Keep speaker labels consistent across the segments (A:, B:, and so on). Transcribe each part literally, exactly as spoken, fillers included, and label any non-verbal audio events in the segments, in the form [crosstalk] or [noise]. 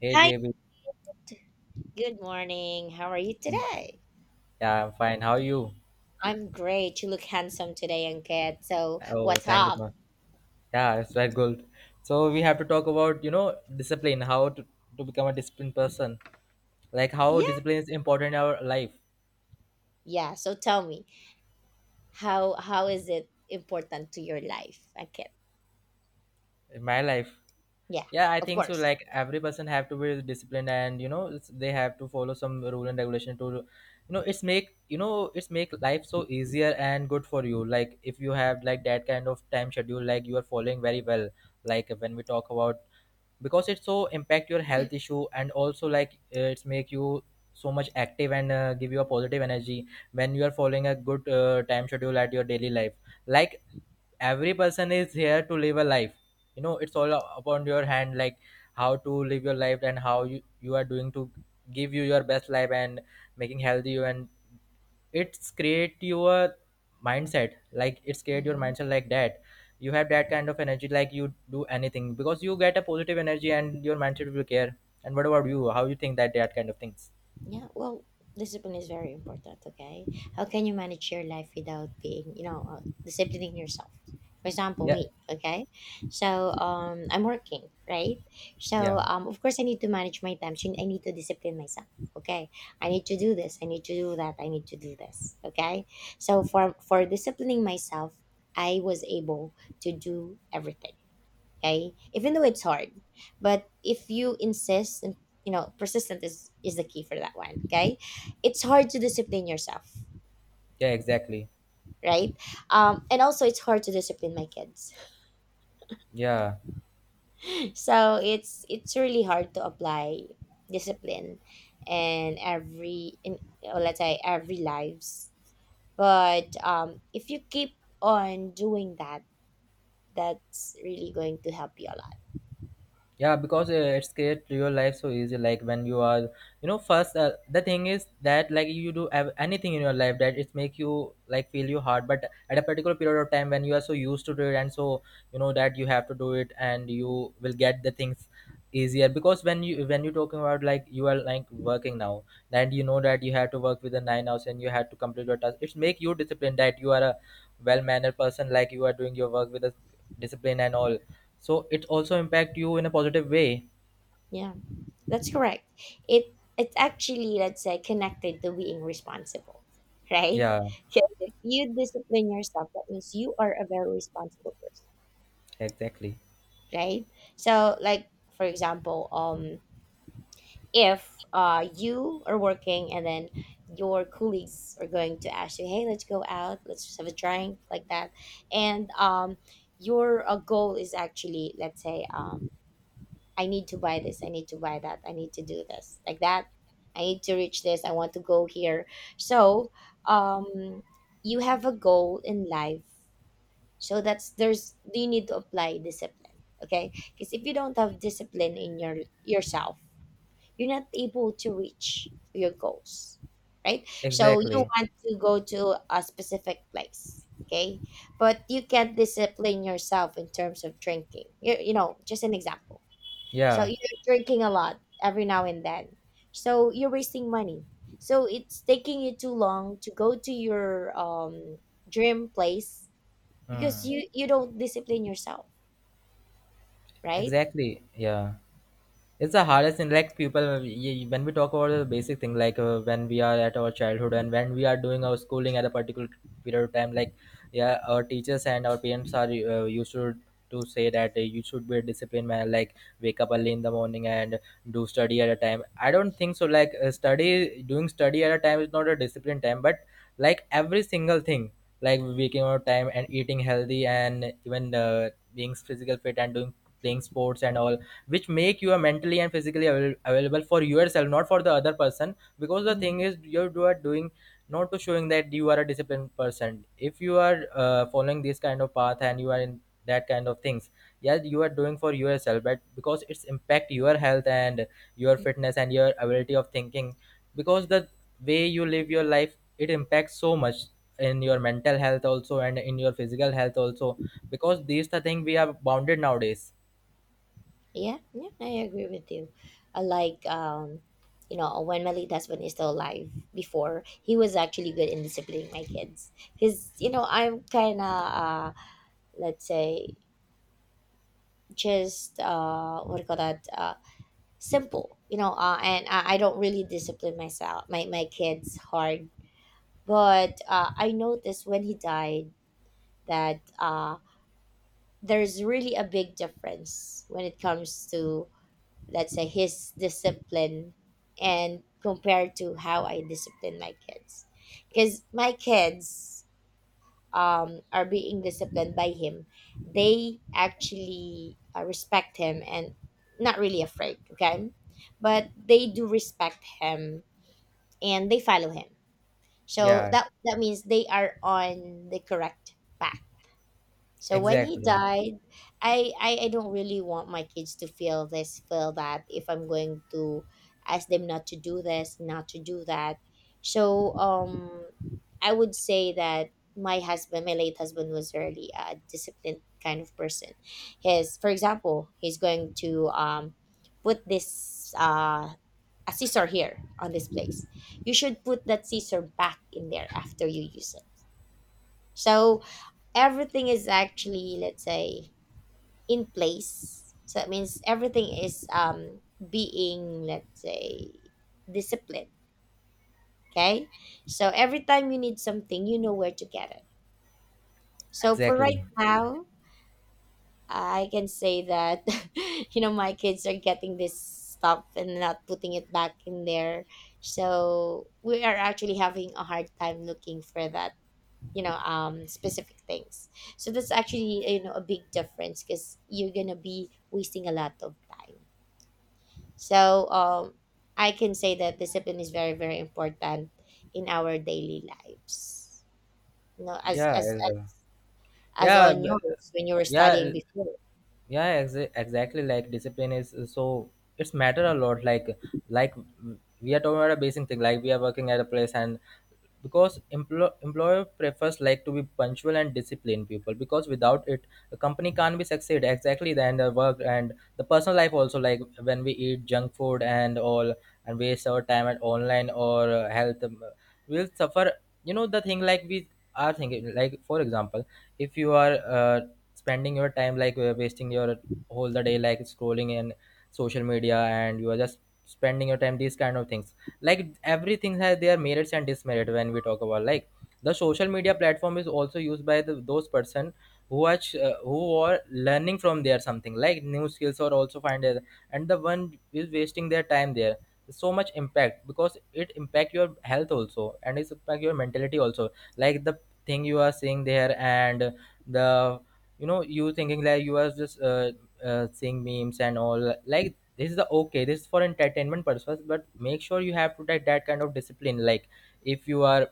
A: Hey
B: Hi,
A: J B, good
B: good morning. How are you
A: morning.
B: today?
A: Yeah, I'm fine. How are you?
B: I'm great. You look handsome today, Ankit. So,
A: Oh,
B: what's
A: thank you
B: up?
A: so much. Yeah, it's very good. So we have to talk about, you know, discipline, how to, to become a disciplined person. Like how
B: Yeah,
A: discipline is important in our life,
B: yeah. So tell me, how how is it important to your life, Ankit?
A: in my life.
B: Yeah,
A: Yeah, I
B: of
A: think so.
B: course.
A: Like every person have to be disciplined, and you know it's, they have to follow some rule and regulation to you know it's make you know it's make life so easier and good for you. Like if you have like that kind of time schedule, like you are following very well. Like when we talk about, because it's so impact your health issue, and also like uh, it's make you so much active and uh, give you a positive energy when you are following a good uh, time schedule at your daily life. Like every person is here to live a life. You know, it's all upon your hand, like how to live your life and how you, you are doing to give you your best life and making healthy you, and it's create your mindset. Like it's create your
B: Mm-hmm.
A: mindset like that you have that kind of energy, like you do anything because you get a positive energy and your mindset will care. And what about you? How you think that that kind of things?
B: Yeah, well, discipline is very important, okay? How can you manage your life without being, you know, uh, disciplining yourself? For example,
A: Yeah,
B: me, okay? So, um, I'm working, right? So,
A: yeah,
B: um, of course, I need to manage my time. So I need to discipline myself, okay? I need to do this. I need to do that. I need to do this, okay? So, for for disciplining myself, I was able to do everything, okay, even though it's hard. But if you insist and, you know, persistent is is the key for that one, okay, it's hard to discipline yourself,
A: yeah, exactly.
B: right? Um and also it's hard to discipline my kids.
A: Yeah,
B: [laughs] So it's it's really hard to apply discipline in every, in, or let's say, every lives. But um if you keep on doing that, that's really going to help you a lot.
A: yeah, because uh, it's create your life so easy. Like when you are, you know, first uh, the thing is that like you do have anything in your life that it make you like feel you hard, but at a particular period of time when you are so used to do it, and so you know that you have to do it, and you will get the things easier. Because when you when you're talking about like you are like working now, and you know that you have to work with the nine hours and you have to complete your task, it's make you disciplined that you are a well-mannered person, like you are doing your work with a discipline and all. So it also impact you in a positive way.
B: Yeah, that's correct. It it's actually, let's say, connected to being responsible, [laughs] right?
A: Yeah,
B: Because if you discipline yourself, that means you are a very responsible person,
A: exactly.
B: right? So, like, for example, um, if uh you are working and then your colleagues are going to ask you, hey, let's go out, let's just have a drink, like that, and um, your uh, goal is actually, let's say, um I need to buy this, I need to buy that, I need to do this, like that. I need to reach this, I want to go here. So, um, you have a goal in life. So that's, there's, you need to apply discipline, okay? Because if you don't have discipline in your, yourself, you're not able to reach your goals, right? So you
A: Exactly.
B: want to go to a specific place, okay? But you can't discipline yourself in terms of drinking. You, you know, just an example. So
A: Yeah.
B: you're drinking a lot every now and then. So you're wasting money. So it's taking you too long to go to your um, dream place because
A: Mm.
B: you you don't discipline yourself, right?
A: Exactly. Yeah. It's the hardest thing. Like people y- y- when we talk about the basic thing, like uh, when we are at our childhood and when we are doing our schooling at a particular period of time, like yeah, our teachers and our parents are uh, used to to say that uh, you should be a disciplined man, like wake up early in the morning and do study at a time. I don't think so like uh, study doing study at a time is not a disciplined time, but like every single thing, like waking up time and eating healthy and even uh, being physical fit and doing playing sports and all, which make you mentally and physically avail- available for yourself, not for the other person. Because the
B: Mm,
A: thing is you do- are doing not to showing that you are a disciplined person. If you are uh, following this kind of path and you are in that kind of things, yes, you are doing for yourself, but because it's impact your health and your fitness and your ability of thinking, because the way you live your life, it impacts so much in your mental health also and in your physical health also, because these the thing we are bounded nowadays.
B: yeah, yeah, I agree with you. I like, um, you know, when my late husband is still alive, before, he was actually good in disciplining my kids. Cause, you know, I'm kind of, uh, let's say, just, uh, what do you call that? Uh, simple, you know, uh, and I, I don't really discipline myself, my, my kids hard, but uh, I noticed when he died that, uh, there's really a big difference when it comes to, let's say, his discipline and compared to how I discipline my kids, because my kids, um, are being disciplined by him, they actually uh, respect him and not really afraid, okay? But they do respect him and they follow him. So
A: Yeah,
B: that that means they are on the correct path. So when he
A: exactly.
B: died, I, I I don't really want my kids to feel this, feel that, if I'm going to ask them not to do this, not to do that. So um I would say that my husband, my late husband, was really a disciplined kind of person. His, for example, he's going to um put this uh a scissor here on this place. You should put that scissor back in there after you use it. So everything is, actually, let's say, in place. So it means everything is, um, being, let's say, disciplined. Okay. So every time you need something, you know where to get it. So for
A: Exactly.
B: right now, I can say that, [laughs] you know, my kids are getting this stuff and not putting it back in there. So we are actually having a hard time looking for that, you know, um, specific things. So that's, actually, you know, a big difference because you're going to be wasting a lot of time. So um, I can say that discipline is very very important in our daily lives. You know, as
A: Yeah.
B: as
A: as
B: as
A: a-
B: as
A: Yeah.
B: on
A: b-
B: yours when you were
A: Yeah.
B: studying
A: l-
B: before.
A: Yeah. Exa- exactly. Like discipline is uh, so it's matter a lot. Like like w- we are talking about a basic thing. Like we are working at a place, and because emplo- employer prefers like to be punctual and disciplined people, because without it a company can't be succeed exactly. Then the work and the personal life also, like when we eat junk food and all and waste our time at online or uh, health um, we'll suffer. You know the thing, like we are thinking, like for example, if you are uh, spending your time like uh, wasting your whole the day like scrolling in social media and you are just spending your time these kind of things, like everything has their merits and demerit. When we talk about like the social media platform is also used by the, those person who are ch- uh, who are learning from there something like new skills or also find it, and the one is wasting their time there, so much impact, because it impact your health also and it's impact your mentality also. Like the thing you are seeing there, and the, you know, you thinking, like you are just uh, uh, seeing memes and all. Like this is the okay, this is for entertainment purpose, but make sure you have to take that kind of discipline. Like if you are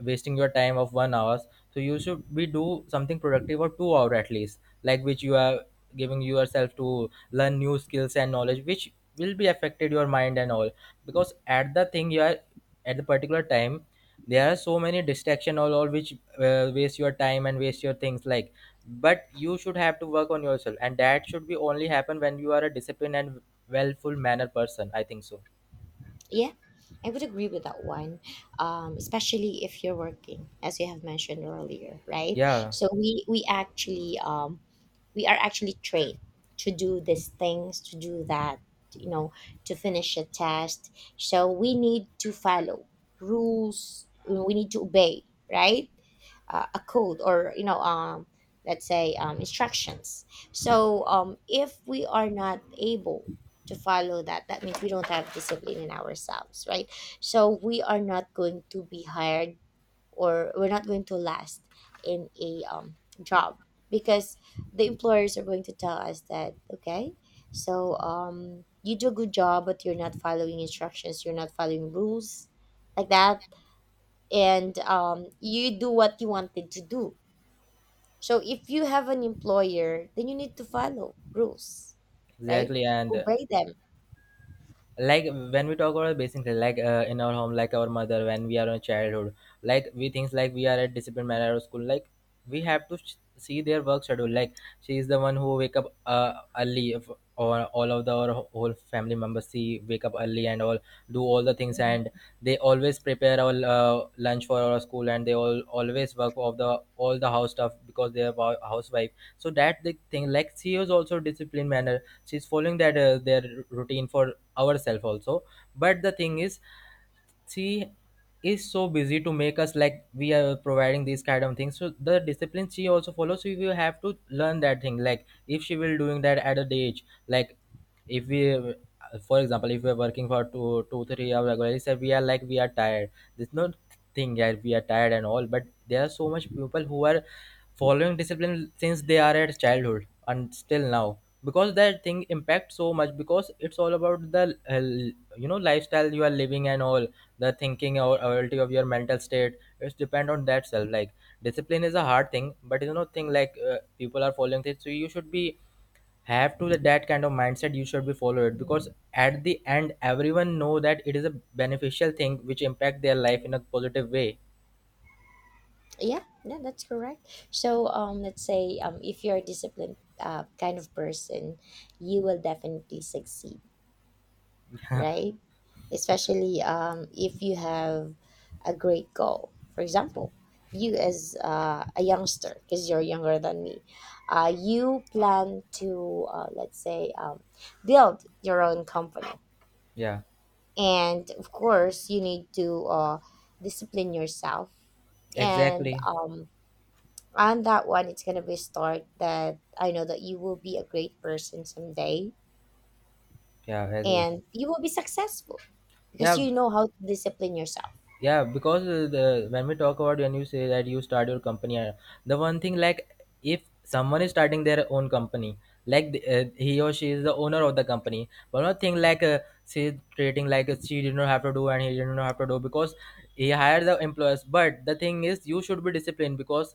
A: wasting your time of one hours, so you should be do something productive for two hour at least, like which you are giving yourself to learn new skills and knowledge, which will be affected your mind and all. Because at the thing you are at the particular time, there are so many distraction all, all which uh, waste your time and waste your things. Like but you should have to work on yourself, and that should be only happen when you are a disciplined and wellful manner person, I think so.
B: Yeah, I would agree with that one. Um, especially if you're working, as you have mentioned earlier, right?
A: Yeah,
B: So we we actually, um we are actually trained to do these things, to do that, you know, to finish a test. So we need to follow rules. We need to obey, right? Uh, a code, or, you know, um, let's say, um, instructions. So, um, if we are not able to follow that, that means we don't have discipline in ourselves, right? So we are not going to be hired, or we're not going to last in a, um, job, because the employers are going to tell us that, okay, so, um, you do a good job, but you're not following instructions, you're not following rules, like that, and, um, you do what you wanted to do. So if you have an employer, then you need to follow rules, right,
A: exactly. And
B: obey
A: like when we talk about basic things, like uh, in our home, like our mother, when we are in childhood, like we things, like we are at discipline manner of school. Like we have to sh- see their work schedule, like she is the one who wake up uh, early if, or all of the our whole family members see wake up early and all, do all the things, and they always prepare our uh, lunch for our school, and they all always work of the all the house stuff because they are wa- housewife. So that the thing like she is also discipline manner, she's following that uh, their routine for ourselves also. But the thing is she is so busy to make us, like we are providing these kind of things, so the discipline she also follows, so we will have to learn that thing, like if she will doing that at a day age. Like if we, for example, if we are working for two two three hours regularly, so we are like we are tired. There's no thing that we are tired and all, but there are so much people who are following discipline since they are at childhood and still now, because that thing impacts so much, because it's all about the uh, you know, lifestyle you are living and all, the thinking or ability of your mental state, it's depend on that self. Like discipline is a hard thing, but you know thing like uh, people are following it, so you should be have to the, that kind of mindset you should be follow it. Because
B: them.
A: at the end, everyone know that it is a beneficial thing which impact their life in a positive way.
B: Yeah, yeah, that's correct. So, um, let's say, um, if you're a disciplined, uh, kind of person, you will definitely succeed, right? Especially um, if you have a great goal. For example, you as, uh, a youngster, because you're younger than me, uh, you plan to, uh, let's say, um, build your own company.
A: [laughs] Yeah,
B: And of course, you need to uh, discipline yourself and,
A: exactly.
B: um, on that one. It's gonna be a start that I know that you will be a great person someday,
A: Yeah, I.
B: and you will be successful because
A: Yeah,
B: you know how to discipline yourself.
A: yeah, because uh, the when we talk about when you say that you start your company, uh, the one thing, like if someone is starting their own company, like the- uh, he or she is the owner of the company. One not thing, like uh, she creating, like uh, she did not have to do and he did not have to do because he hired the employees. But the thing is you should be disciplined, because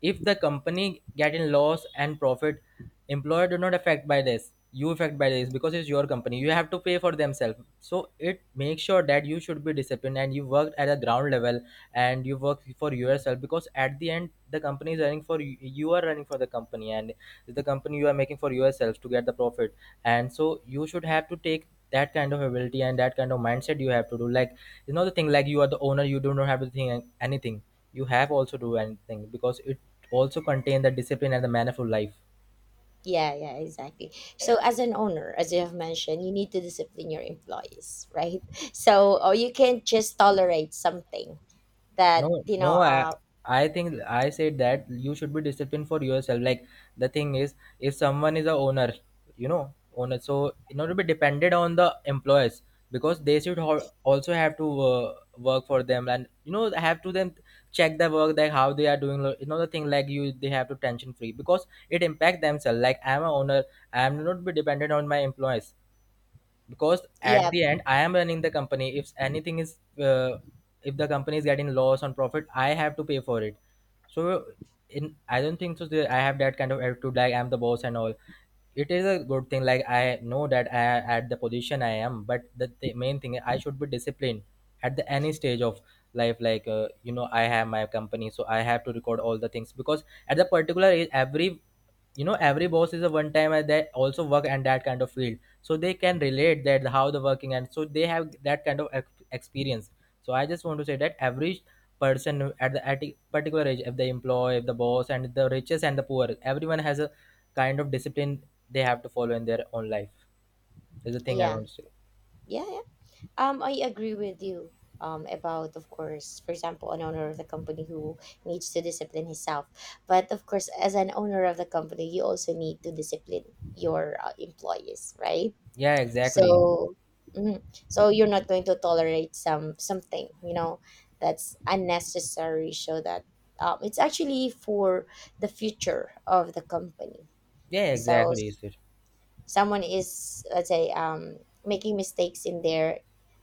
A: if the company getting loss and profit, employer do not affect by this, you affect by this, because it's your company, you have to pay for themselves. So it makes sure that you should be disciplined and you work at a ground level and you work for yourself, because at the end, the company is running for you, you are running for the company, and the company you are making for yourself to get the profit. And so you should have to take that kind of ability and that kind of mindset, you have to do, like you know the thing, like you are the owner, you do not have to think anything, you have also do anything, because it also contain the discipline and the mannerful life.
B: Yeah, yeah, exactly. So as an owner, as you have mentioned, you need to discipline your employees, right? [laughs] So, or you can't just tolerate something
A: No,
B: that you know.
A: no, I,
B: Uh,
A: I think I said that you should be disciplined for yourself. Like the thing is, if someone is a owner, you know, owner, so in order to be dependent on the employers, because they should ho- also have to uh, work for them, and you know have to them check the work, like how they are doing. You know the thing like you, they have to tension free, because it impact themselves. Like I'm a owner, I'm not be dependent on my employees, because at
B: yeah,
A: the end, I am running the company. If anything is uh, if the company is getting loss on profit, I have to pay for it. So in, I don't think so that I have that kind of attitude, like I'm the boss and all. It is a good thing, like I know that I at the position I am, but the th- main thing, I should be disciplined at the any stage of life. Like uh, you know, I have my company, so I have to record all the things, because at the particular age, every, you know, every boss is a one time and they also work and that kind of field, so they can relate that how the working and so they have that kind of ex- experience. So I just want to say that average person at the at a particular age, if the employee, if the boss and the richest and the poor, everyone has a kind of discipline they have to follow in their own life, is the thing I
B: yeah,
A: want to say.
B: yeah, yeah. Um, I agree with you. Um, about, of course, for example, an owner of the company who needs to discipline himself. But of course, as an owner of the company, you also need to discipline your uh, employees, right?
A: Yeah, exactly.
B: So, mhm. So you're not going to tolerate some, something, you know, that's unnecessary. So that, um, it's actually for the future of the company.
A: Yeah,
B: So,
A: exactly, sir.
B: someone is, let's say, um making mistakes in there,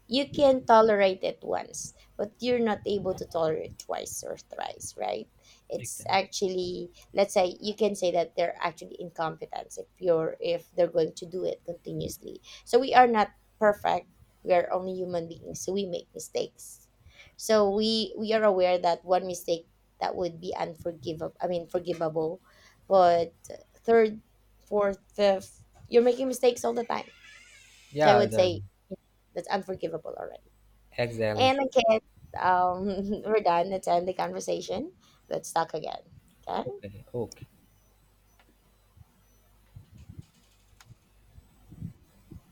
B: you can tolerate it once, but you're not able to tolerate twice or thrice, right? It's actually, let's say, you can say that they're actually incompetence. If you're, if they're going to do it continuously, so we are not perfect, we are only human beings, so we make mistakes. So we we are aware that one mistake, that would be unforgivable, I mean forgivable, but third, fourth, fifth, you're making mistakes all the time. So I
A: yeah
B: would
A: the,
B: say that's unforgivable already.
A: exactly.
B: And again, um, [laughs] we're done. Let's end the conversation. Let's talk again. Okay.
A: Okay, okay.